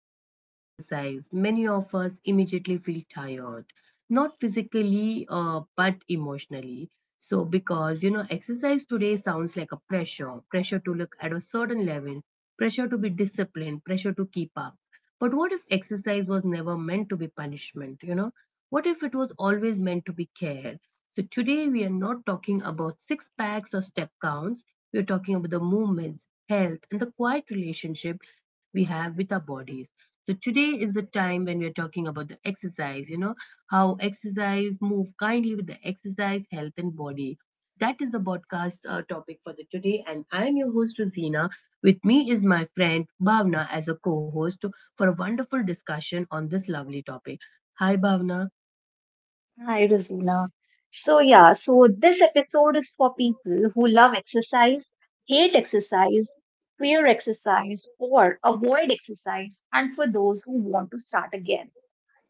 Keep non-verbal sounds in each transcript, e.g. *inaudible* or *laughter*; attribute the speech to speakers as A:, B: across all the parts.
A: the word exercise, many of us immediately feel tired, not physically, but emotionally. So, exercise today sounds like a pressure to look at a certain level, pressure to be disciplined, pressure to keep up. But what if exercise was never meant to be punishment? What if it was always meant to be care? So, today we are not talking about six packs or step counts, we're talking about the movements health, and the quiet relationship we have with our bodies. So today is the time when we are talking about the exercise, how exercise move kindly with the exercise, health, and body. That is the podcast topic for the today, and I'm your host Rosina. With me is my friend Bhavna as a co-host for a wonderful discussion on this lovely topic. Hi, Bhavna.
B: Hi, Rosina. So, yeah, so this episode is for people who love exercise, hate exercise, fear exercise, or avoid exercise, and for those who want to start again.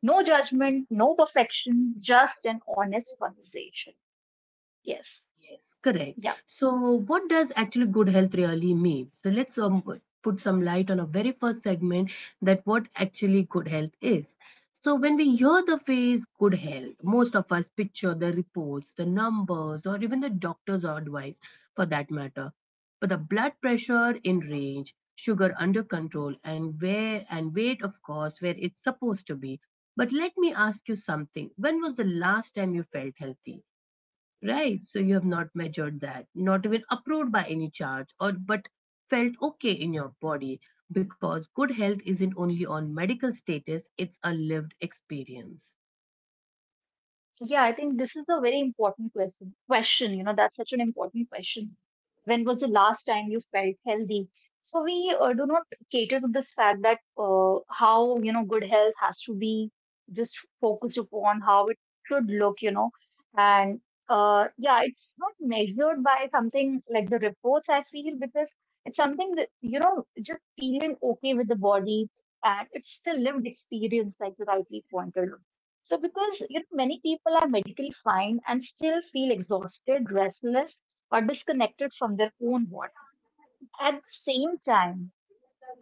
B: No judgment, no perfection, just an honest conversation. Yes.
A: Yes, correct.
B: Yeah.
A: So, what does actually good health really mean? So, let's put some light on our very first segment that what actually good health is. So, when we hear the phrase good health, most of us picture the reports, the numbers, or even the doctor's advice for that matter. But the blood pressure in range, sugar under control, and where and weight, of course, where it's supposed to be. But let me ask you something. When was the last time you felt healthy? Right. So you have not measured that, not even approved by any charge, or but felt okay in your body because good health isn't only on medical status, it's a lived experience.
B: Yeah, I think this is a very important question. That's such an important question. When was the last time you felt healthy? So we do not cater to this fact that how, good health has to be just focused upon how it should look. And yeah, it's not measured by something like the reports, I feel, because it's something that just feeling okay with the body. And it's a lived experience, like you rightly pointed out. So, because many people are medically fine and still feel exhausted, restless, or disconnected from their own body. At the same time,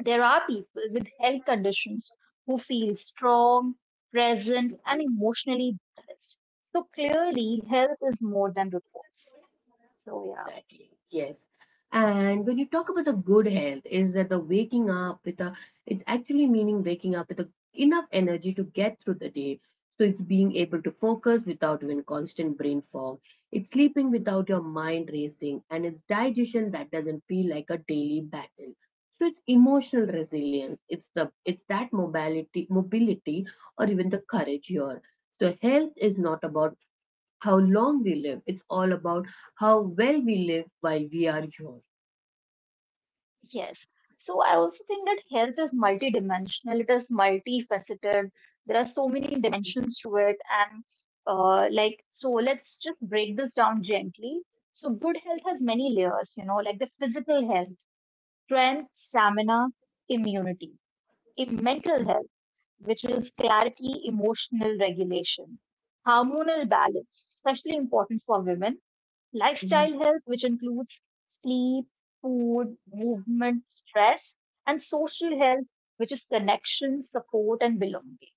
B: there are people with health conditions who feel strong, present, and emotionally balanced. So, clearly, health is more than reports. So, yeah.
A: Exactly. Yes. And when you talk about the good health, is that the waking up with a, it's actually meaning waking up with a, enough energy to get through the day. So it's being able to focus without even constant brain fog. It's sleeping without your mind racing, and it's digestion that doesn't feel like a daily battle. So it's emotional resilience. It's that mobility, or even the courage here. So health is not about how long we live. It's all about how well we live while we are here.
B: Yes. So I also think that health is multidimensional, it is multifaceted. There are so many dimensions to it. And like, so let's just break this down gently. So good health has many layers, like the physical health, strength, stamina, immunity. In mental health, which is clarity, emotional regulation, hormonal balance, especially important for women, lifestyle health, which includes sleep, food, movement, stress, and social health, which is connection, support, and belonging.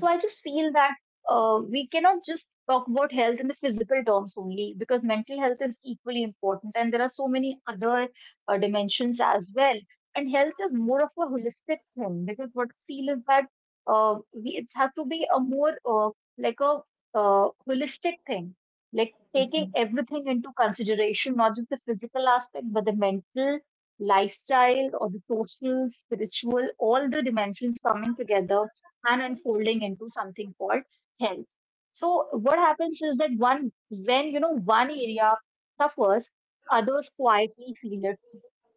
B: So I just feel that we cannot just talk about health in the physical terms only, because mental health is equally important and there are so many other dimensions as well. And health is more of a holistic thing, because what I feel is that it has to be a more like a holistic thing, like taking everything into consideration, not just the physical aspect, but the mental, lifestyle, or the social, spiritual, all the dimensions coming together and unfolding into something called health. So what happens is that one when you know one area suffers, others quietly feel it.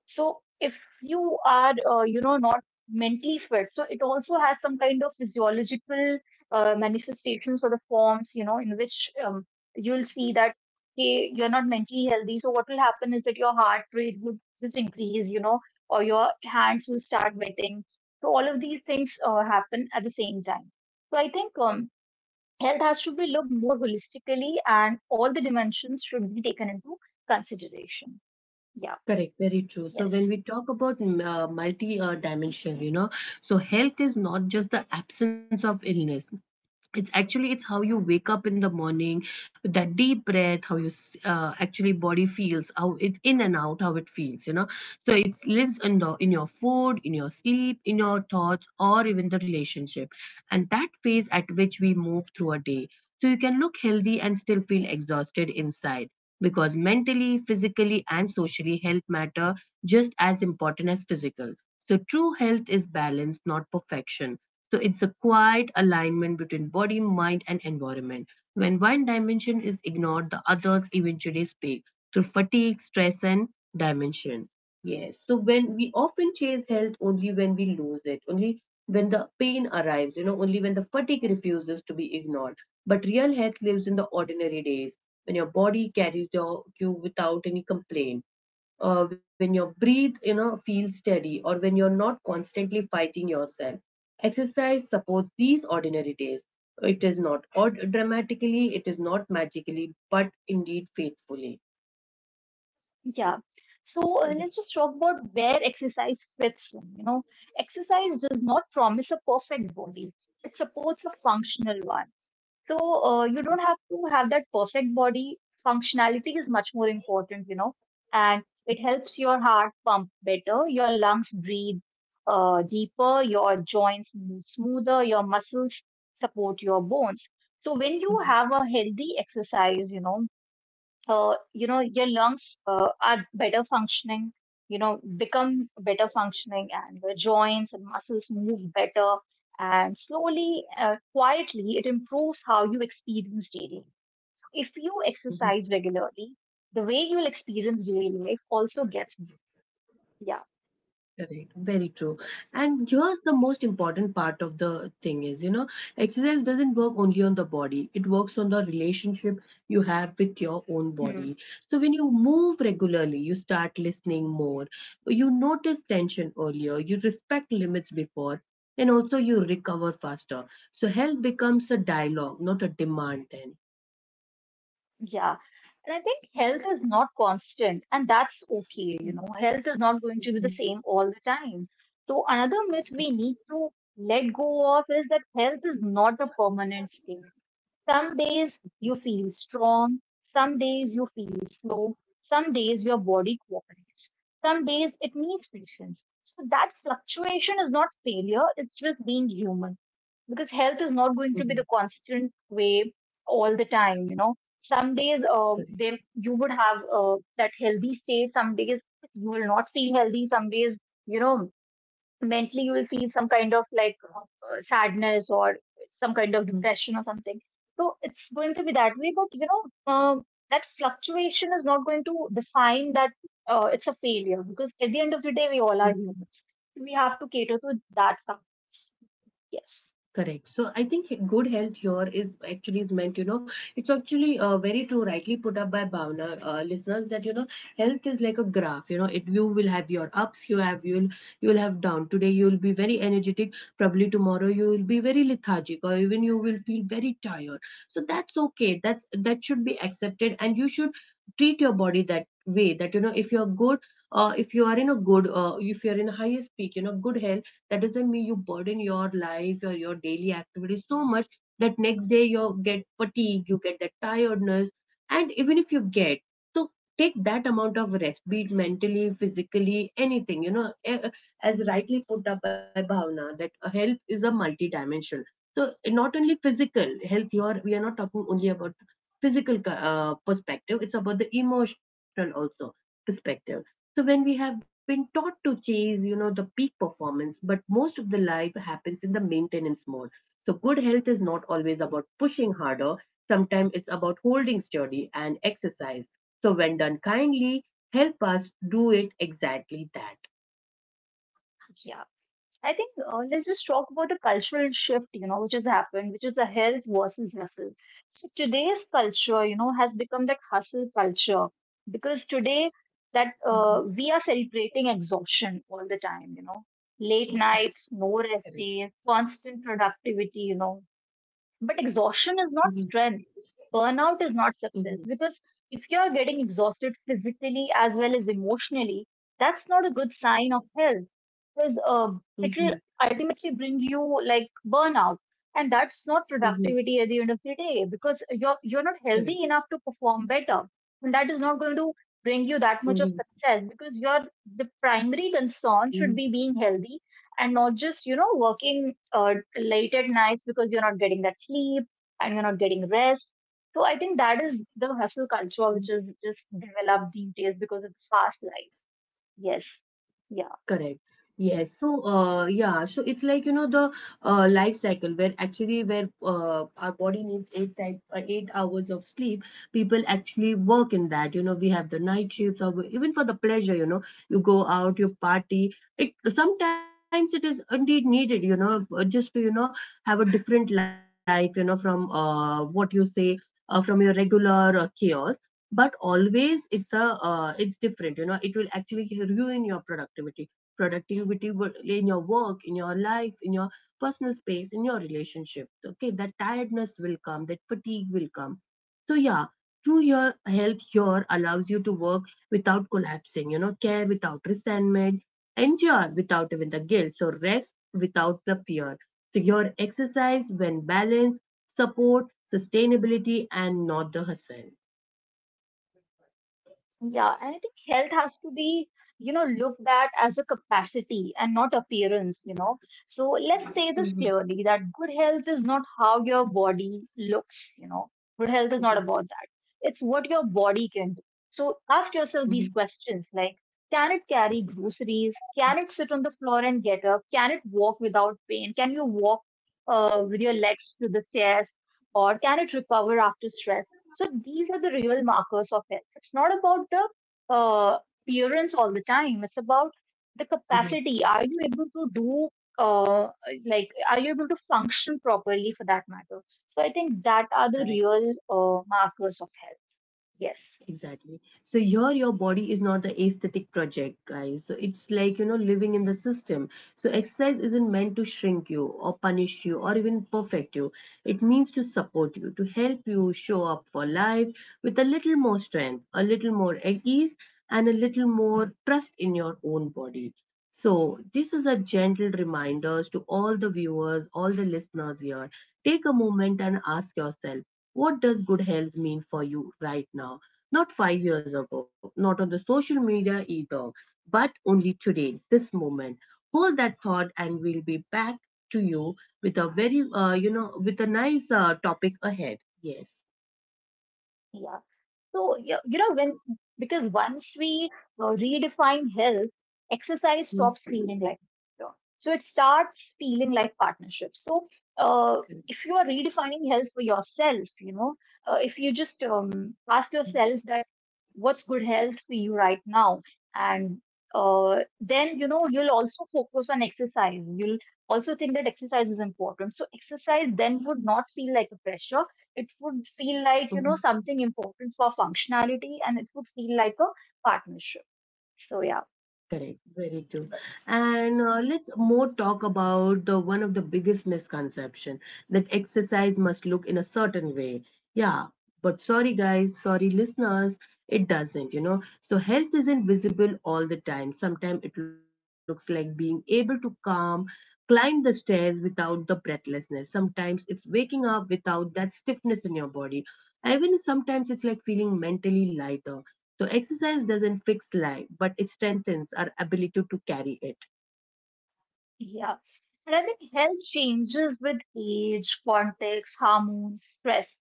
B: So if you are not mentally fit, so it also has some kind of physiological manifestations or the forms in which you'll see that okay, you're not mentally healthy. So what will happen is that your heart rate will just increase, you know, or your hands will start wetting, so all of these things happen at the same time. So I think health has to be looked more holistically, and all the dimensions should be taken into consideration. Yeah.
A: Correct, very true. So when
B: Yes.
A: we talk about multi-dimensional, so health is not just the absence of illness; it's actually it's how you wake up in the morning with that deep breath, how your actually body feels, how it in and out, how it feels. So it lives in your food, in your sleep, in your thoughts, or even the relationship, and that phase at which we move through a day. So you can look healthy and still feel exhausted inside, because mentally, physically, and socially, health matter just as important as physical. So true health is balance, not perfection. So it's a quiet alignment between body, mind, and environment. When one dimension is ignored, the others eventually speak through fatigue, stress, and dimension. Yes. So when we often chase health only when we lose it, only when the pain arrives, only when the fatigue refuses to be ignored. But real health lives in the ordinary days, when your body carries you without any complaint, when your breathe feels steady, or when you're not constantly fighting yourself. Exercise supports these ordinary days. It is not odd dramatically, it is not magically, but indeed faithfully.
B: Yeah. So let's just talk about where exercise fits in. You know, exercise does not promise a perfect body; it supports a functional one. So you don't have to have that perfect body. Functionality is much more important, you know, and it helps your heart pump better, your lungs breathe deeper, your joints move smoother, your muscles support your bones. So when you have a healthy exercise, you know, your lungs are better functioning, become better functioning, and the joints and muscles move better, and slowly quietly it improves how you experience daily. So if you exercise regularly, the way you'll experience daily life also gets better. Yeah.
A: Correct. Very true.
B: Yes.
A: And here's the most important part of the thing is, exercise doesn't work only on the body. It works on the relationship you have with your own body. So when you move regularly, you start listening more. You notice tension earlier. You respect limits before. And also you recover faster. So health becomes a dialogue, not a demand then.
B: Yeah. And I think health is not constant, and that's okay. You know, health is not going to be the
A: Mhm.
B: same all the time. So, another myth
A: Correct.
B: we need to let go of is that health is not a permanent state. Some days you feel strong, some days you feel slow, some days your body cooperates, some days it needs patience. So, that fluctuation is not failure, it's just being human, because health is not going
A: Mhm.
B: to be the constant way all the time. Some days
A: Correct.
B: you would have that healthy state, some days you will not feel healthy, some days you know mentally you will feel some kind of like sadness or some kind of
A: Mm-hmm.
B: depression or something. So it's going to be that way, but you know, uh, that fluctuation is not going to define that it's a failure, because at the end of the day we all are humans, we have to cater to that fact. Yes.
A: Correct. So I think good health here is actually is meant, it's actually very true, rightly put up by Bhavna, listeners, that health is like a graph. You know, it you will have your ups, you'll have down. Today you will be very energetic, probably tomorrow you will be very lethargic, or even you will feel very tired. So that's okay. That should be accepted, and you should treat your body that way. That if you're good, if you are in a good, if you're in a highest peak, good health, that doesn't mean you burden your life or your daily activities so much that next day you get fatigue, you get that tiredness. And even if you get, so take that amount of rest, be it mentally, physically, anything, as rightly put up by Bhavna, that health is a multidimensional. So not only physical health, here we are not talking only about physical perspective, it's about the emotional also perspective. So when we have been taught to chase, the peak performance, but most of the life happens in the maintenance mode. So good health is not always about pushing harder. Sometimes it's about holding sturdy and exercise. So when done kindly, help us do it exactly that.
B: Yeah. I think let's just talk about the cultural shift, you know, which has happened, which is the health versus hustle. So today's culture, you know, has become that hustle culture, because today
A: Mhm,
B: that we are celebrating exhaustion all the time, you know,
A: mhm,
B: late nights, no
A: Correct.
B: rest days, constant productivity, you know, but exhaustion is
A: Mhm,
B: not strength. Burnout is not
A: mhm,
B: success, because if you are getting exhausted physically as well as emotionally, that's not a good sign of health, because it will
A: mhm,
B: ultimately bring you like burnout, and that's not
A: mhm,
B: productivity at the end of the day, because you're not healthy
A: Correct.
B: enough to perform better, and that is not going to
A: Mhm,
B: bring you that much of success, because your, the primary concern should be being healthy and not just, you know, working late at nights, because you're not getting that sleep and you're not getting rest. So I think that is the
A: mhm,
B: hustle culture which is just developed these days because of the fast life. Yes.
A: Correct. Yes. So, yeah. So it's like the life cycle where actually where our body needs 8 hours of sleep. People actually work in that. We have the night shifts, or even for the pleasure. You go out, you party. It sometimes it is indeed needed. Just to have a different life. From what you say from your regular chaos. But always it's different. It will actually ruin your productivity in your work, in your life, in your personal space, in your relationships. Okay, that tiredness will come, that fatigue will come. So yeah, true. Your health here allows you to work without collapsing, care without resentment, endure without even the guilt, so rest without the fear. So your exercise, when balanced, support sustainability and not the hustle.
B: Yeah, and I think health has to be, you know, looked at as a capacity and not appearance, you know. So let's say this
A: Mhm,
B: clearly, that good health is not how your body looks, you know. Good health is not
A: mhm,
B: about that. It's what your body can do. So ask yourself these
A: mhm,
B: questions like, can it carry groceries? Can it sit on the floor and get up? Can it walk without pain? Can you walk with your legs to the stairs? Or can it recover after stress? So these are the real markers of health. It's not about the uh, appearance all the time. It's about the
A: mhm,
B: capacity. Are you able to do uh, are you able to function properly, for that matter? So I think that are the
A: correct.
B: real markers of health. Yes.
A: Exactly. So here, your body is not the aesthetic project, guys. So it's like, living in the system. So exercise isn't meant to shrink you or punish you or even perfect you. It means to support you, to help you show up for life with a little more strength, a little more at ease, and a little more trust in your own body. So this is a gentle reminder to all the viewers, all the listeners here. Take a moment and ask yourself, what does good health mean for you right now? Not 5 years ago, not on the social media either, but only today, this moment. Hold that thought, and we'll be back to you with a very, with a nice topic ahead. Yes.
B: Yeah. So, you know, when, because once we redefine health, exercise stops
A: Mhm.
B: feeling like work. So it starts feeling like partnership. So, uh, if you are redefining health for yourself, you know, if you just ask yourself that what's good health for you right now, and uh, then you know you'll also focus on exercise. You'll also think that exercise is important. So exercise then would not feel like a pressure, it would feel like,
A: Mhm.
B: you know, something important for functionality, and it would feel like a partnership. So, yeah.
A: Correct, very true.
B: Yes.
A: And let's more talk about the one of the biggest misconception that exercise must look in a certain way. Yeah, but sorry guys, sorry listeners, it doesn't. So health isn't visible all the time. Sometimes it looks like being able to climb the stairs without the breathlessness. Sometimes it's waking up without that stiffness in your body. Even sometimes it's like feeling mentally lighter, so exercise doesn't fix life, but it strengthens our ability to carry it.
B: Yeah. And I think health changes with age, context, hormones, stress.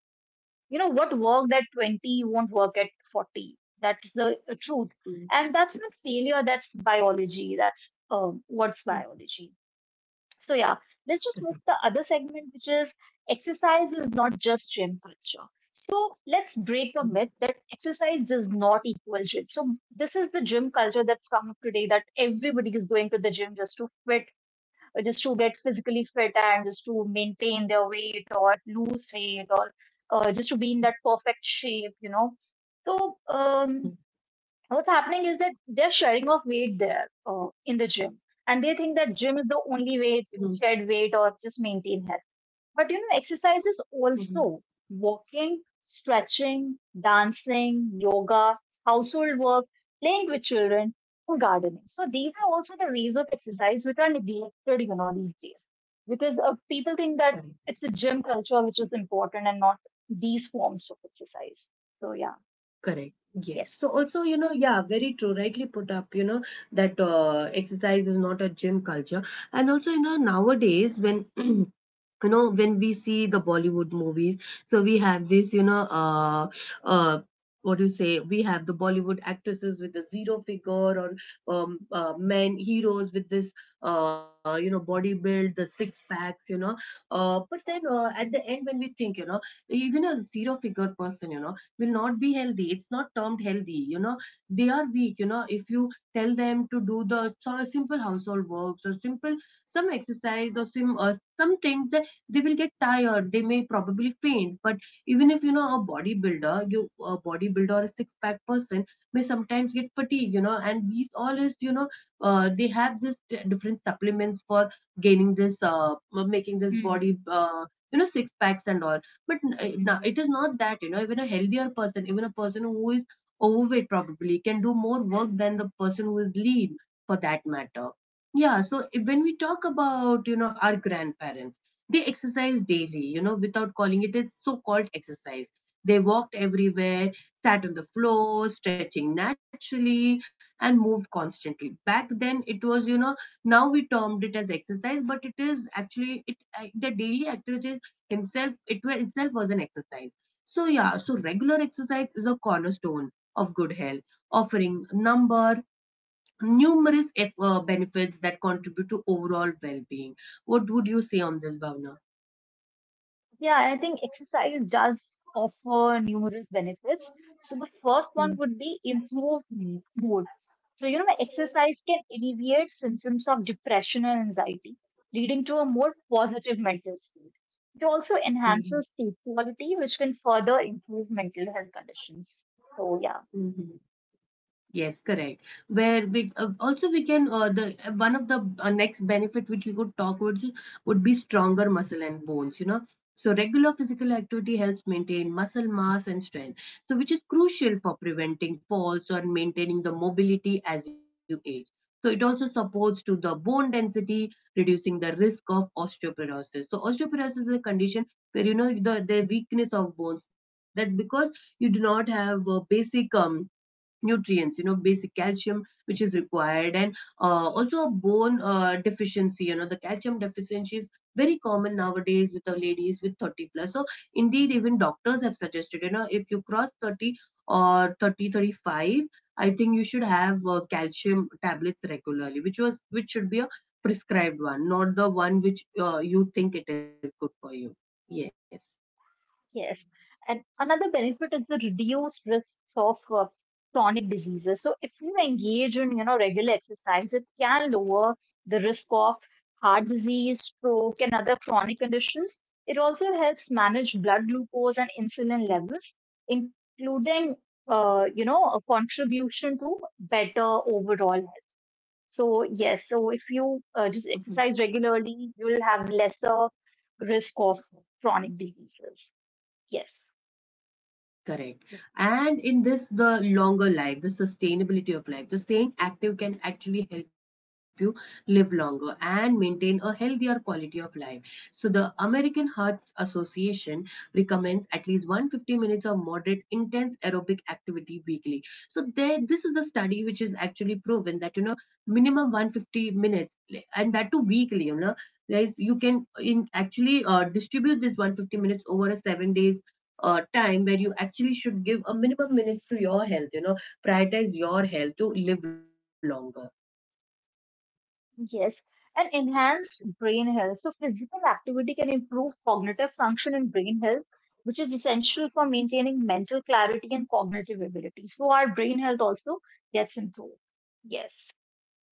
B: You know, what worked at 20 won't work at 40. That's the truth.
A: Mm,
B: And that's not failure, that's biology. That's what's
A: mm,
B: biology. So yeah, let's just move to
A: Correct.
B: the other segment, which is exercise is not just gym culture. So let's break the myth that exercise does not equal gym. So this is the gym culture that's come up today, that everybody is going to the gym just to fit, just to get physically fit and just to maintain their weight or lose weight or just to be in that perfect shape, you know. So what's happening is that they're shedding of weight there in the gym, and they think that gym is the
A: Mhm,
B: only way to shed weight or just maintain health. But you know, exercise is
A: mhm,
B: also walking, stretching, dancing, yoga, household work, playing with children, or gardening. So these are also the ways of exercise which are neglected, you know, these days, because people think
A: mhm.
B: that it's the gym culture which is important and not these forms of exercise. So yeah.
A: Correct. Yes.
B: Yes.
A: So also, yeah, very true. Rightly put up, that exercise is not a gym culture. And also, nowadays when *clears throat* when we see the Bollywood movies, so we have this uh what do you say, we have the Bollywood actresses with a zero figure, or men heroes with this body build the six packs, but then, at the end when we think, even a zero figure person, will not be healthy, it's not termed healthy, they are weak. If you tell them to do the sort of simple household works or simple some exercise or some things, that they will get tired. They may probably faint. But even if a bodybuilder or a six pack person may sometimes get fatigue, and these all is, they have this different supplements for gaining this, making this body,
B: Mm-hmm.
A: six packs and all. But now it is not that, even a healthier person, even a person who is overweight, probably can do more work than the person who is lean, for that matter. Yeah, so if, when we talk about, you know, our grandparents, they exercise daily, you know, without calling it as so called exercise. They walked everywhere, sat on the floor, stretching naturally, and moved constantly. Back then, it was, you know, now we termed it as exercise, but it is actually it the daily activities himself, itself was an exercise. So yeah, so regular exercise is a cornerstone of good health, offering number numerous benefits that contribute to overall well-being. What would you say on this, Bhavna?
B: Yeah, I think exercise does offer numerous benefits. So the first one would be improved mood. So, you know, exercise can alleviate symptoms of depression and anxiety, leading to a more positive mental state. It also
A: Mm-hmm.
B: enhances sleep quality, which can further improve mental health conditions. So, yeah.
A: Yes, correct. Where we also we can the One of the next benefit which we could talk about is- would be stronger muscle and bones. You know, so regular physical activity helps maintain muscle mass and strength, so which is crucial for preventing falls or maintaining the mobility as you age. So it also supports to the bone density, reducing the risk of osteoporosis. So osteoporosis is a condition where, you know, the weakness of bones. That's because you do not have basic nutrients, you know, basic calcium which is required, and also a bone deficiency. You know, the calcium deficiency is very common nowadays with the ladies with 30 plus. So indeed, even doctors have suggested, you know, if you cross 30 or 30 or 35, I think you should have calcium tablets regularly, which was which should be a prescribed one, not the one which, you think it is good for you. Yes.
B: Yes. And another benefit is the reduced risks of chronic diseases. So if you engage in, you know, regular exercise, it can lower the risk of heart disease, stroke, and other chronic conditions. It also helps manage blood glucose and insulin levels, including, you know, a contribution to better overall health. So
A: Mhm.
B: yes, so if you just exercise regularly, you will have lesser risk of chronic diseases. Yes.
A: Correct. And in this, the longer life, the sustainability of life, the staying active can actually help you live longer and maintain a healthier quality of life. So, the American Heart Association recommends at least 150 minutes of moderate, intense aerobic activity weekly. So, there, this is a study which is actually proven that, you know, minimum 150 minutes, and that too weekly. You know, guys, you can in actually distribute this 150 minutes over a 7 days time, where you actually should give a minimum minutes to your health, you know, prioritize your health to live longer.
B: Yes, and enhanced brain health. So physical activity can improve cognitive function and brain health, which is essential for maintaining mental clarity and cognitive ability. So our brain health also gets improved. Yes.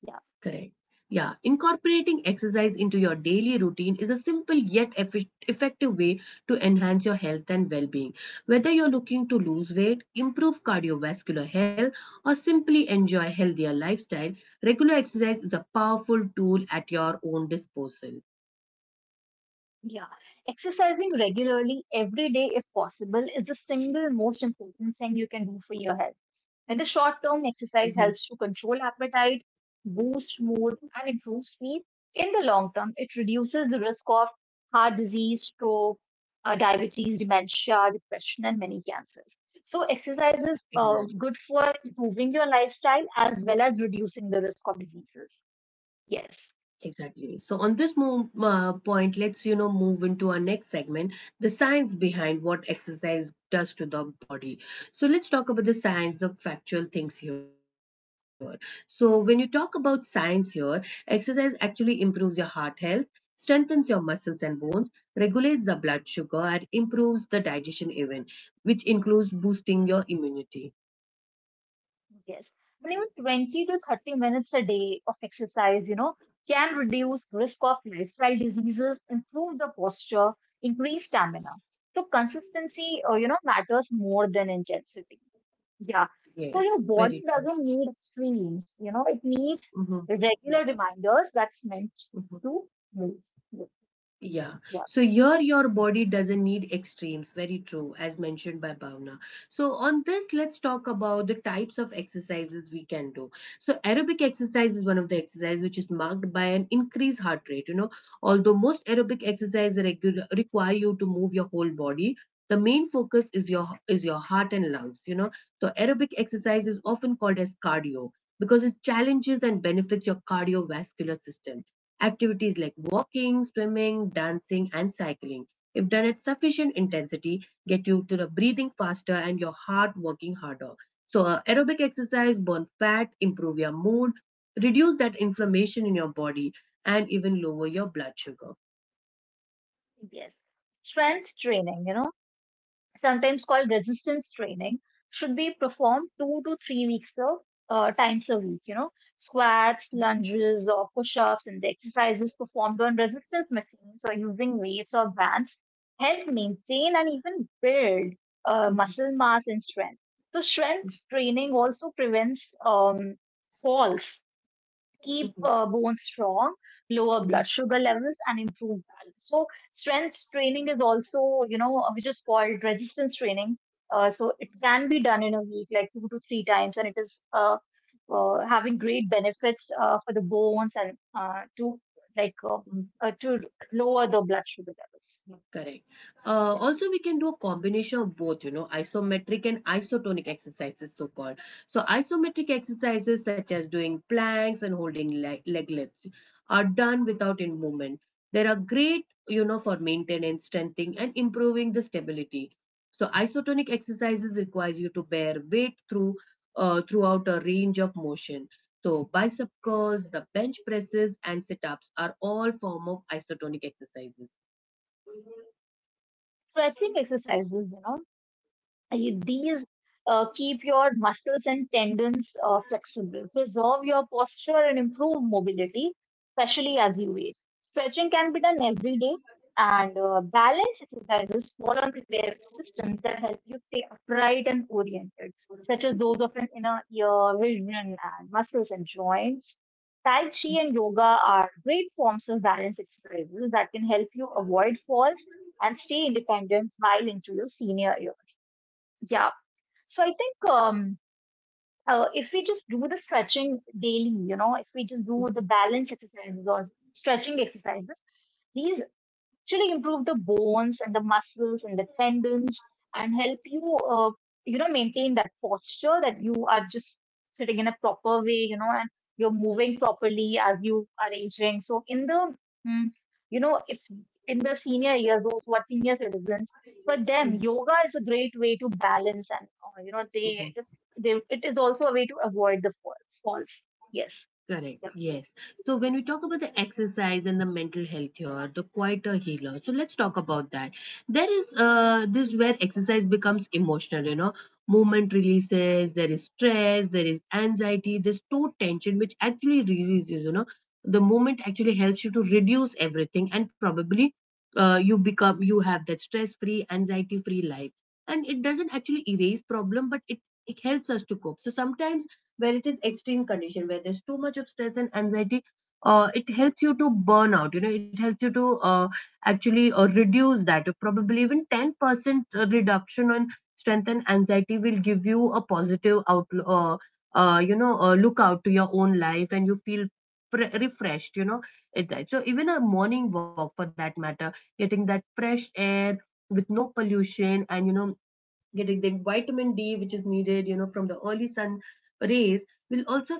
B: Yeah.
A: Correct. Yeah, incorporating exercise into your daily routine is a simple yet effective way to enhance your health and well-being. Whether you're looking to lose weight, improve cardiovascular health, or simply enjoy a healthier lifestyle, regular exercise is a powerful tool at your own disposal.
B: Yeah, exercising regularly every day, if possible, is the single most important thing you can do for your health. In the short term, exercise
A: Mhm.
B: helps to control appetite, boost mood, and improve sleep. In the long term, it reduces the risk of heart disease, stroke, diabetes, dementia, depression, and many cancers. So, exercise is
A: Exactly.
B: good for improving your lifestyle as well as reducing the risk of diseases. Yes.
A: Exactly. So on this move, point, let's, you know, move into our next segment, the science behind what exercise does to the body. So let's talk about the science of factual things here. So when you talk about science here, exercise actually improves your heart health, strengthens your muscles and bones, regulates the blood sugar, and improves the digestion even, which includes boosting your immunity.
B: Yes. And even 20 to 30 minutes a day of exercise, can reduce risk of lifestyle diseases, improve the posture, increase stamina. So consistency, matters more than intensity. Yeah.
A: Yes,
B: So your
A: very
B: body
A: true.
B: doesn't need extremes, you know, it needs regular reminders that's meant
A: Hmm.
B: to move. Yeah.
A: Yeah. So here your body doesn't need extremes. Very true, as mentioned by Bhavna. So on this, let's talk about the types of exercises we can do. So aerobic exercise is one of the exercises which is marked by an increased heart rate. You know, although most aerobic exercises require you to move your whole body, the main focus is your heart and lungs. You know, so aerobic exercise is often called as cardio because it challenges and benefits your cardiovascular system. Activities like walking, swimming, dancing, and cycling, if done at sufficient intensity, get you to the breathing faster and your heart working harder. So, aerobic exercise burn fat, improve your mood, reduce that inflammation in your body, and even lower your blood sugar.
B: Yes. Strength training, you know, sometimes called resistance training, should be performed 2 to 3 weeks of times a week. You know, squats, lunges, or push-ups, and the exercises performed on resistance machines or using weights or bands help maintain and even build muscle mass and strength. So, strength training also prevents falls, keep bones strong, lower blood sugar levels, and improve balance. So strength training is also, which is called resistance training. So it can be done in a week, like two to three times, and it is having great benefits for the bones and like uh,
A: *laughs*
B: to lower the blood sugar levels.
A: Correct.
B: Yes,
A: Also, we can do a combination of both, you know, isometric and isotonic exercises, so called. So, isometric exercises such as doing planks and holding leg lifts are done without in movement. They are great, you know, for maintenance, strengthening, and improving the stability. So, isotonic exercises requires you to bear weight throughout a range of motion. So, bicep curls, the bench presses, and sit ups are all form of isotonic exercises.
B: stretching exercises, you know. These keep your muscles and tendons flexible, preserve your posture, and improve mobility, especially as you age. Stretching can be done every day, and balance exercises fall under their systems that help you stay upright and oriented, such as those of an inner ear, vision, and muscles and joints. Tai Chi and yoga are great forms of balance exercises that can help you avoid falls and stay independent while into your senior years. Yeah, so I think if we just do the stretching daily, you know, if we just do the balance exercises or stretching exercises, these actually improve the bones and the muscles and the tendons and help you, uh, maintain that posture, that you are just sitting in a proper way, you know, and you're moving properly as you are aging. So in the, mm, you know, if in the senior years, those who are senior citizens, for them,
A: Mm,
B: yoga is a great way to balance, and,
A: mhm.
B: they, it is also a way to avoid the falls. Yes.
A: Correct.
B: Yeah.
A: Yes. So when we talk about the exercise and the mental health here, the quieter healer. So let's talk about that. There is this where exercise becomes emotional, you know. Movement releases, there is stress, there is anxiety, there's stored tension, which actually releases, you know. The movement actually helps you to reduce everything, and probably you become you have that stress-free, anxiety-free life. And it doesn't actually erase problem, but it helps us to cope. So sometimes where it is extreme condition where there's too much of stress and anxiety, it helps you to burn out. You know, it helps you to actually reduce that. Probably even 10% reduction on strength and anxiety will give you a positive outlook, you know, look out to your own life, and you feel refreshed, you know. So even a morning walk, for that matter, getting that fresh air with no pollution, and you know, getting the vitamin D which is needed, you know, from the early sun rays, will also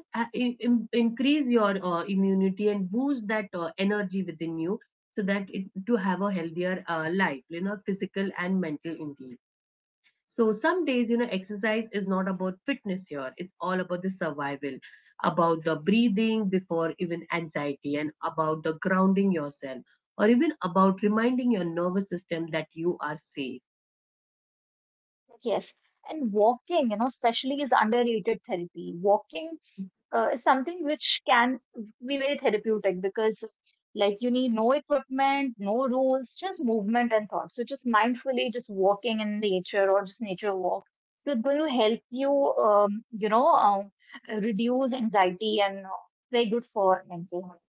A: increase your immunity and boost that energy within you, so that it, to have a healthier life, you know, physical and mental indeed. So some days, you know, exercise is not about fitness here. It's all about the survival, about the breathing before even anxiety, and about the grounding yourself, or even about reminding your nervous system that you are safe.
B: Yes. And walking, you know, especially is underrated therapy. Walking is something which can be very therapeutic because like you need no equipment, no rules, just movement and thoughts. So just mindfully just walking in nature, or just nature walk. So it's going to help you, um, you know, um, reduce anxiety and very good for mental health.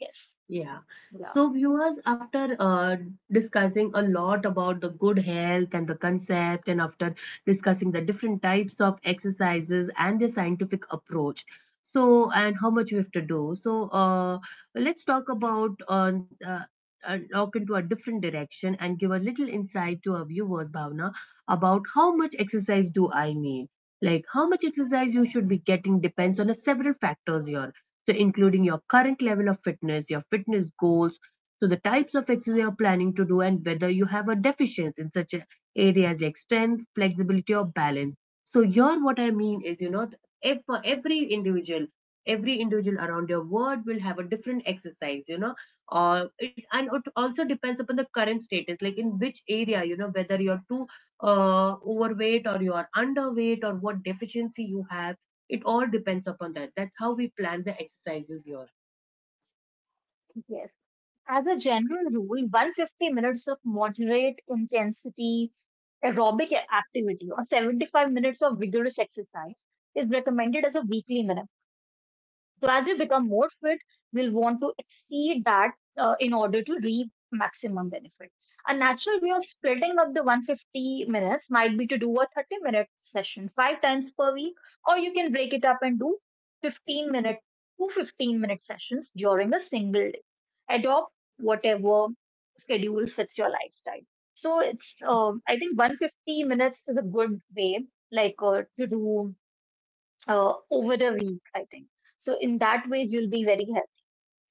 B: Yes.
A: Yeah.
B: Yeah.
A: So, viewers, after discussing a lot about the good health and the concept, and after discussing the different types of exercises and the scientific approach, so and how much we have to do. So, let's talk about, look into a different direction and give a little insight to our viewers, Bhavna, about how much exercise do I need. Like how much exercise you should be getting depends on a several factors here. So, including your current level of fitness, your fitness goals, so the types of exercise you're planning to do, and whether you have a deficiency in such areas like strength, flexibility, or balance. So, here what I mean is, you know, if for every individual around your world will have a different exercise, you know, or it also depends upon the current status, like in which area, you know, whether you're too overweight, or you are underweight, or what deficiency you have. It all depends upon that. That's how we plan the exercises here.
B: Yes. As a general rule, 150 minutes of moderate intensity aerobic activity or 75 minutes of vigorous exercise is recommended as a weekly minimum. So as we become more fit, we'll want to exceed that in order to reap maximum benefit. A natural way of splitting up the 150 minutes might be to do a 30-minute session five times per week, or you can break it up and do 15 minute to 15-minute sessions during a single day. Adopt whatever schedule fits your lifestyle. So it's I think 150 minutes is a good way to do over a week, I think. So in that way, you'll be very healthy.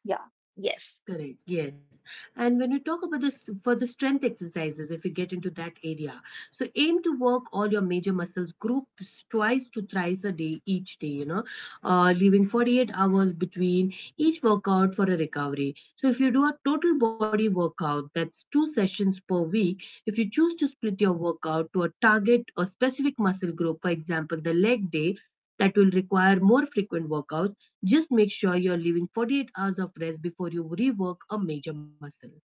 B: Yeah. Yes.
A: Correct, yes. And when we talk about this for the strength exercises, if you get into that area, so aim to work all your major muscles groups twice to thrice a day each day, you know, leaving 48 hours between each workout for a recovery. So if you do a total body workout, that's 2 sessions per week. If you choose to split your workout to a target or specific muscle group, for example, the leg day, that will require more frequent workouts. Just make sure you're leaving 48 hours of rest before you rework a major muscle.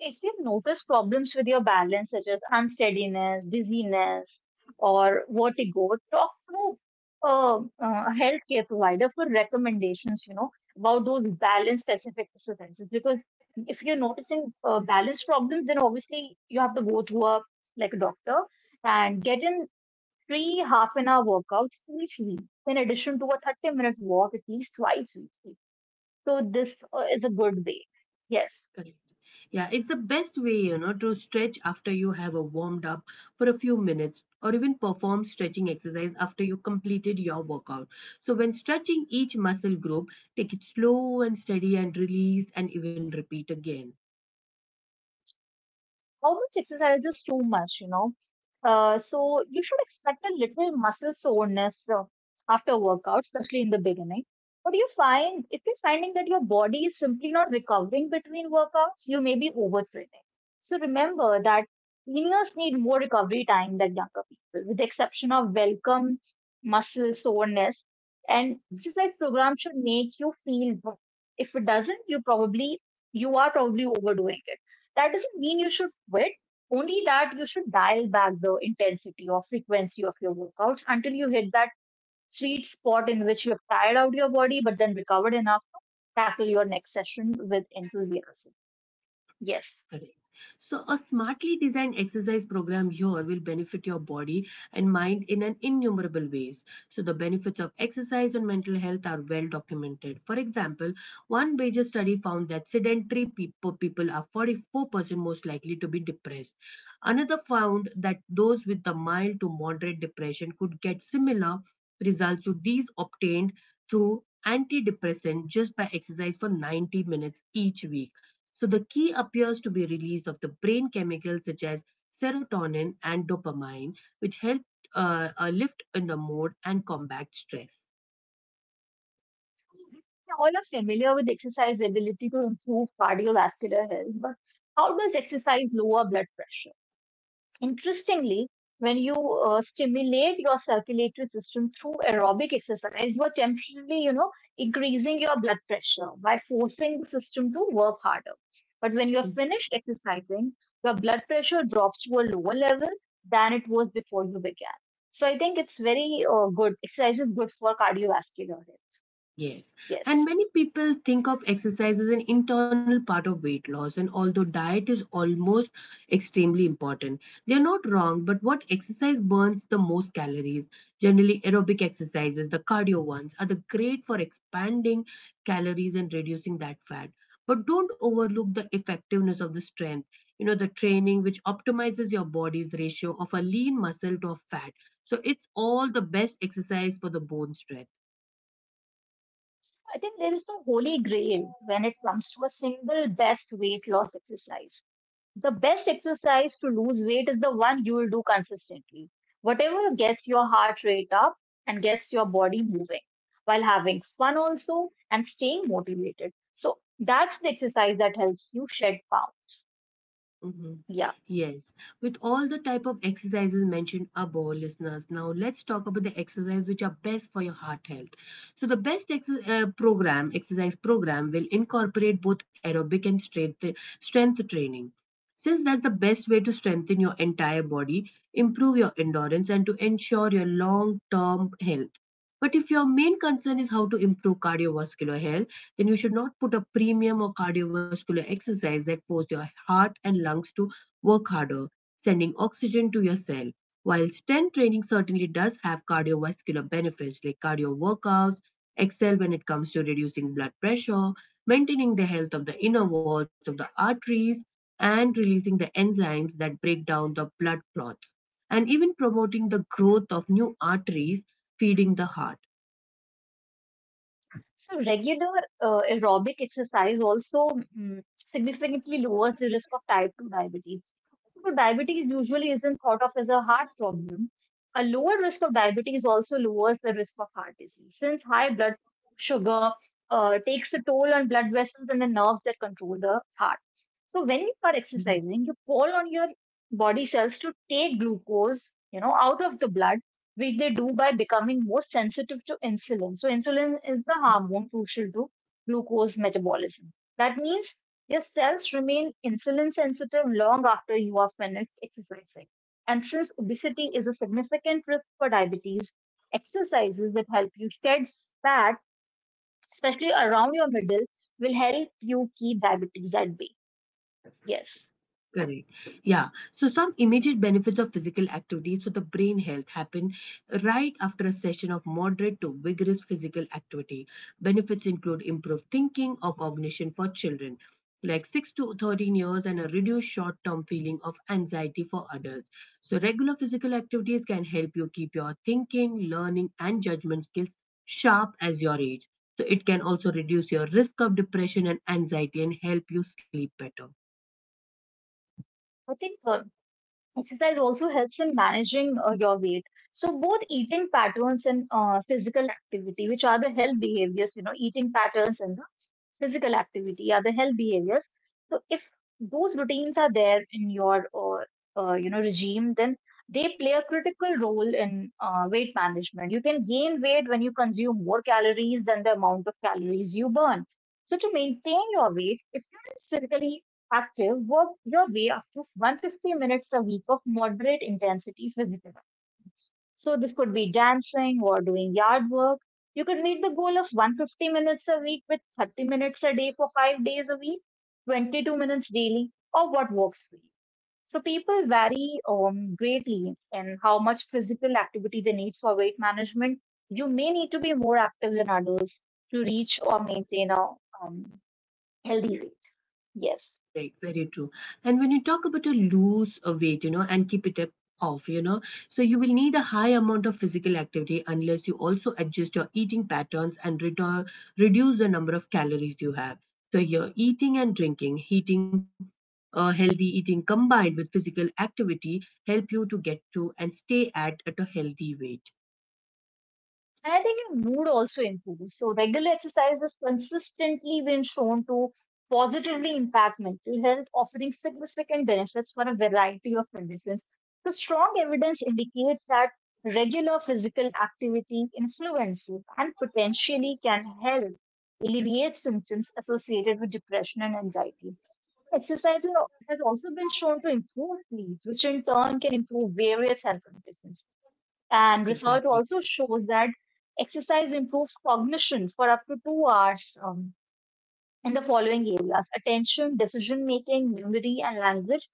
B: If you notice problems with your balance, such as unsteadiness, dizziness, or vertigo, talk to a healthcare provider for recommendations, you know, about those balance specific exercises. Because if you're noticing balance problems, then obviously you have to go to a like a doctor and get in three half an hour workouts each week, in addition to a 30-minute walk at least twice weekly. So, this is a good way. Yes.
A: Correct. Yeah, it's the best way, you know, to stretch after you have a warmed up for a few minutes, or even perform stretching exercise after you completed your workout. So when stretching each muscle group, take it slow and steady and release, and even repeat again.
B: How much exercise is too much, you know? So you should expect a little muscle soreness after workout, especially in the beginning. If you're finding that your body is simply not recovering between workouts, you may be overtraining. So remember that seniors need more recovery time than younger people, with the exception of welcome muscle soreness. And exercise program should make you feel good. If it doesn't, you are probably overdoing it. That doesn't mean you should quit, only that you should dial back the intensity or frequency of your workouts until you hit that sweet spot in which you have tired out your body but then recovered enough to tackle your next session with enthusiasm. Yes.
A: Correct. So, a smartly designed exercise program here will benefit your body and mind in an innumerable ways. So, the benefits of exercise on mental health are well documented. For example, one major study found that sedentary people, people are 44% most likely to be depressed. Another found that those with the mild to moderate depression could get similar results to these obtained through antidepressant just by exercise for 90 minutes each week. So the key appears to be release of the brain chemicals such as serotonin and dopamine, which help lift in the mood and combat stress.
B: We all are familiar with exercise ability to improve cardiovascular health, but how does exercise lower blood pressure? Interestingly, when you stimulate your circulatory system through aerobic exercise, you're temporarily, you know, increasing your blood pressure by forcing the system to work harder. But when you're finished exercising, your blood pressure drops to a lower level than it was before you began. So I think it's very good. Exercise is good for cardiovascular health.
A: Yes, and
B: Yes.
A: many people think of exercise as an internal part of weight loss, and although diet is almost extremely important, they're not wrong. But what exercise burns the most calories? Generally, aerobic exercises, the cardio ones, are the great for expanding calories and reducing that fat. But don't overlook the effectiveness of the strength, you know, the training which optimizes your body's ratio of a lean muscle to a fat. So it's all the best exercise for the bone strength.
B: I think there is no holy grail when it comes to a single best weight loss exercise. The best exercise to lose weight is the one you will do consistently. Whatever gets your heart rate up and gets your body moving while having fun also and staying motivated. So that's the exercise that helps you shed pounds.
A: Mhm.
B: Yeah.
A: Yes, with all the type of exercises mentioned above, listeners, now let's talk about the exercise which are best for your heart health. So the best exercise program, will incorporate both aerobic and strength training. Since that's the best way to strengthen your entire body, improve your endurance, and to ensure your long-term health. But if your main concern is how to improve cardiovascular health, then you should not put a premium on cardiovascular exercise that force your heart and lungs to work harder, sending oxygen to your cell. While strength training certainly does have cardiovascular benefits like cardio workouts, excel when it comes to reducing blood pressure, maintaining the health of the inner walls of the arteries, and releasing the enzymes that break down the blood clots, and even promoting the growth of new arteries feeding the heart.
B: So regular aerobic exercise also significantly lowers the risk of type 2 diabetes. So diabetes usually isn't thought of as a heart problem. A lower risk of diabetes also lowers the risk of heart disease, since high blood sugar takes a toll on blood vessels and the nerves that control the heart. So when you are exercising, you call on your body cells to take glucose, you know, out of the blood, which they do by becoming more sensitive to insulin. So insulin is the hormone crucial to glucose metabolism. That means your cells remain insulin sensitive long after you are finished exercising. And since obesity is a significant risk for diabetes, exercises that help you shed fat, especially around your middle, will help you keep diabetes at bay. Yes.
A: Correct. Yeah. So some immediate benefits of physical activity. So the brain health happen right after a session of moderate to vigorous physical activity. Benefits include improved thinking or cognition for children, like 6 to 13 years, and a reduced short-term feeling of anxiety for adults. So regular physical activities can help you keep your thinking, learning, and judgment skills sharp as your age. So it can also reduce your risk of depression and anxiety and help you sleep better.
B: I think exercise also helps in managing your weight. So both eating patterns and physical activity, which are the health behaviors, you know, eating patterns and the physical activity, other health behaviors. So if those routines are there in your regime, then they play a critical role in weight management. You can gain weight when you consume more calories than the amount of calories you burn. So to maintain your weight, if you're physically active, work your way up to 150 minutes a week of moderate intensity physical, so this could be dancing or doing yard work. You could meet the goal of 150 minutes a week with 30 minutes a day for 5 days a week, 22 minutes daily, or what works for you. So people vary greatly in how much physical activity they need for weight management. You may need to be more active than others to reach or maintain a um, healthy weight. Yes.
A: Right, very true. And when you talk about a lose a weight, and keep it up off, so you will need a high amount of physical activity unless you also adjust your eating patterns and reduce the number of calories you have. So your eating and drinking, heating, healthy eating combined with physical activity help you to get to and stay at a healthy weight.
B: And I think your mood also improves. So regular exercise has consistently been shown to positively impact mental health, offering significant benefits for a variety of conditions. So strong evidence indicates that regular physical activity influences and potentially can help alleviate symptoms associated with depression and anxiety. Exercise has also been shown to improve sleep, which in turn can improve various health conditions. And research
A: Exactly.
B: also shows that exercise improves cognition for up to 2 hours in the following areas: attention, decision making, memory, and language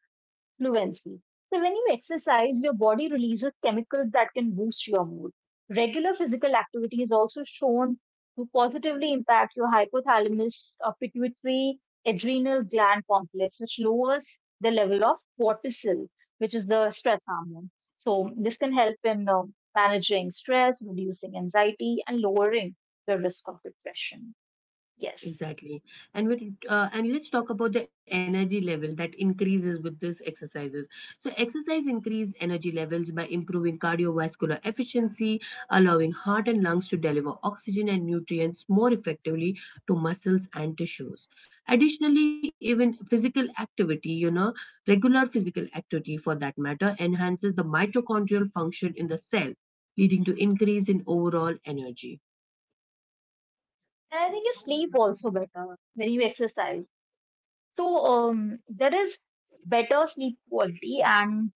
B: fluency. So when you exercise, your body releases chemicals that can boost your mood. Regular physical activity is also shown to positively impact your hypothalamus, pituitary, adrenal gland complex, which lowers the level of cortisol, which is the stress hormone. So this can help in managing stress, reducing anxiety, and lowering the risk of depression. Yes.
A: Exactly. And with and let's talk about the energy level that increases with these exercises. So exercise increase energy levels by improving cardiovascular efficiency, allowing heart and lungs to deliver oxygen and nutrients more effectively to muscles and tissues. Additionally, even physical activity, regular physical activity for that matter enhances the mitochondrial function in the cell, leading to increase in overall energy.
B: And I think you sleep also better when you exercise. So there is better sleep quality and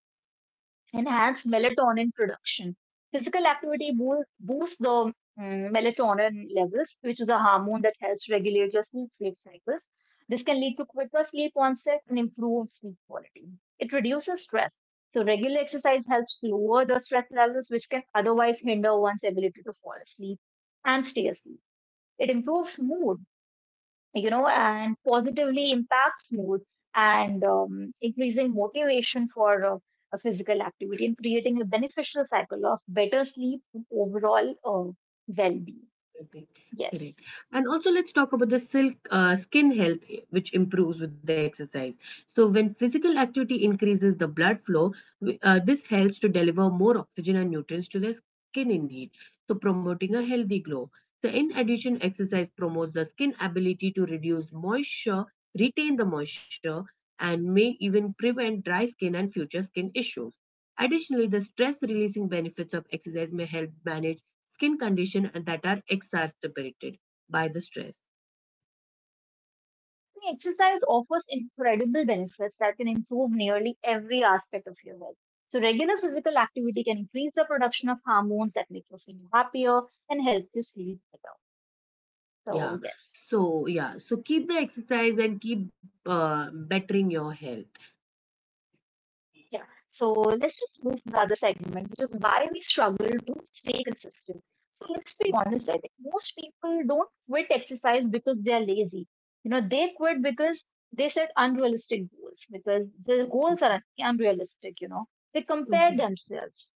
B: enhanced melatonin production. Physical activity boosts the melatonin levels, which is a hormone that helps regulate your sleep cycles. This can lead to quicker sleep onset and improved sleep quality. It reduces stress. So regular exercise helps lower the stress levels, which can otherwise hinder one's ability to fall asleep and stay asleep. It improves mood, you know, and positively impacts mood and increasing motivation for a physical activity, and creating a beneficial cycle of better sleep and overall well-being.
A: Correct.
B: Yes.
A: Correct. And also, let's talk about the skin health, which improves with the exercise. So, when physical activity increases the blood flow, this helps to deliver more oxygen and nutrients to the skin, indeed. So, promoting a healthy glow. So, in addition, exercise promotes the skin ability to reduce moisture, retain the moisture, and may even prevent dry skin and future skin issues. Additionally, the stress releasing benefits of exercise may help manage skin condition and that are exacerbated by the stress.
B: The exercise offers incredible benefits that can improve nearly every aspect of your health. So regular physical activity can increase the production of hormones that make you feel happier and help you sleep better.
A: Yeah,
B: So yes.
A: so yeah, so keep the exercise and keep bettering your health.
B: Yeah. So let's just move to the other segment, which is why we struggle to stay consistent. So let's be honest, I think most people don't quit exercise because they are lazy. They quit because they set unrealistic goals, because their goals
A: Mhm.
B: are unrealistic, you know. They compare
A: Mhm.
B: themselves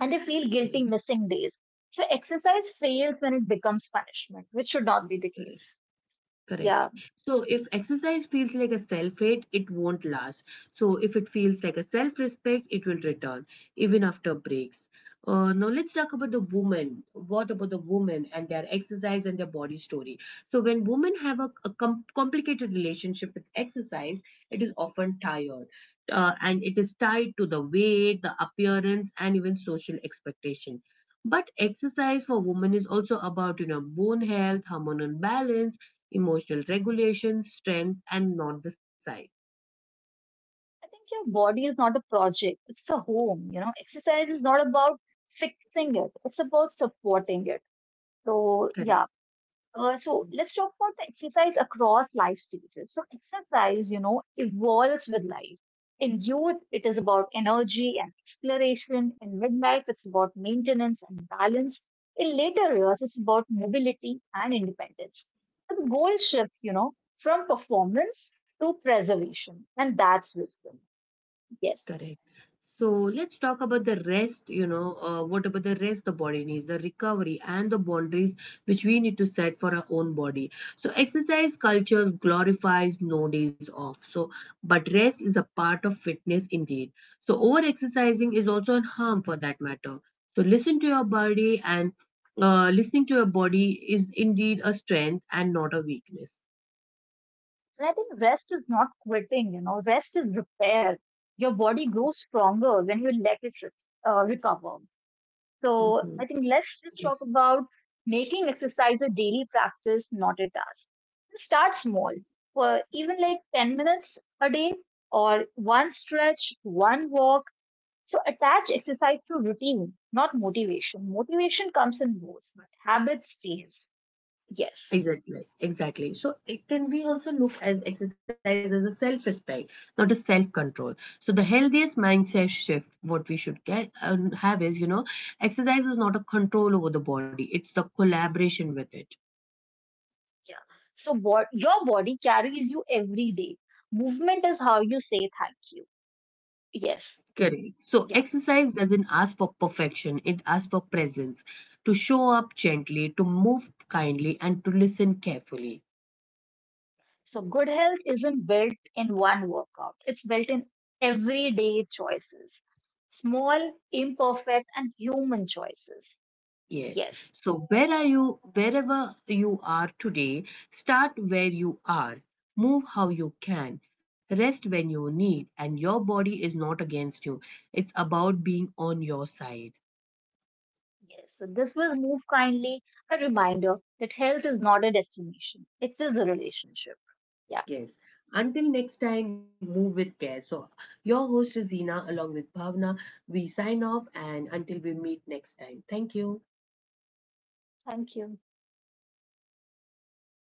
B: and they feel guilty
A: Correct.
B: missing days. So exercise fails when it becomes punishment, which should not be the case.
A: Correct.
B: Yeah.
A: Correct. So if exercise feels like a self hate, it won't last. So if it feels like a self respect, it will return even after breaks. Now let's talk about the woman. What about the woman and their exercise and their body story? So when women have a complicated relationship with exercise, it is often tired, and it is tied to the weight, the appearance, and even social expectation. But exercise for women is also about bone health, hormonal balance, emotional regulation, strength, and not the size.
B: I think your body is not a project, it's a home. You know, exercise is not about fixing it, it's about supporting it. So,
A: Correct,
B: yeah. So let's talk about the exercise across life stages. So exercise, you know, evolves with life. In youth, it is about energy and exploration. In midlife, it's about maintenance and balance. In later years, it's about mobility and independence. So the goal shifts, you know, from performance to preservation, and that's wisdom. Yes.
A: correct. So let's talk about the rest, what about the rest the body needs, the recovery and the boundaries which we need to set for our own body. So exercise culture glorifies no days off. So, but rest is a part of fitness indeed. So over exercising is also a harm for that matter. So listen to your body and listening to your body is indeed a strength and not a weakness.
B: And I think rest is not quitting, you know, rest is repair. Your body grows stronger when you let it recover. So
A: Mhm.
B: I think let's just talk
A: Yes.
B: about making exercise a daily practice, not a task. Start small, for even like 10 minutes a day or one stretch, one walk. So attach exercise to routine, not motivation. Motivation comes and goes, but habit stays. Yes.
A: Exactly, exactly. So it can be also looked as exercise as a self-respect, not a self-control. So the healthiest mindset shift, what we should get have is, exercise is not a control over the body; it's the collaboration with it.
B: Yeah. So your body carries you every day. Movement is how you say thank you. Yes.
A: Correct. So
B: Yeah.
A: exercise doesn't ask for perfection; it asks for presence, to show up gently, to move kindly, and to listen carefully.
B: So good health isn't built in one workout. It's built in everyday choices. Small, imperfect, and human choices.
A: Yes.
B: Yes.
A: So where are you, wherever you are today, start where you are. Move how you can. Rest when you need. And your body is not against you. It's about being on your side.
B: Yes. So this will move kindly. A reminder that health is not a destination. It is a relationship. Yeah.
A: Yes. Until next time, move with care. So your host is Zina along with Bhavna. We sign off and until we meet next time. Thank you.
B: Thank you.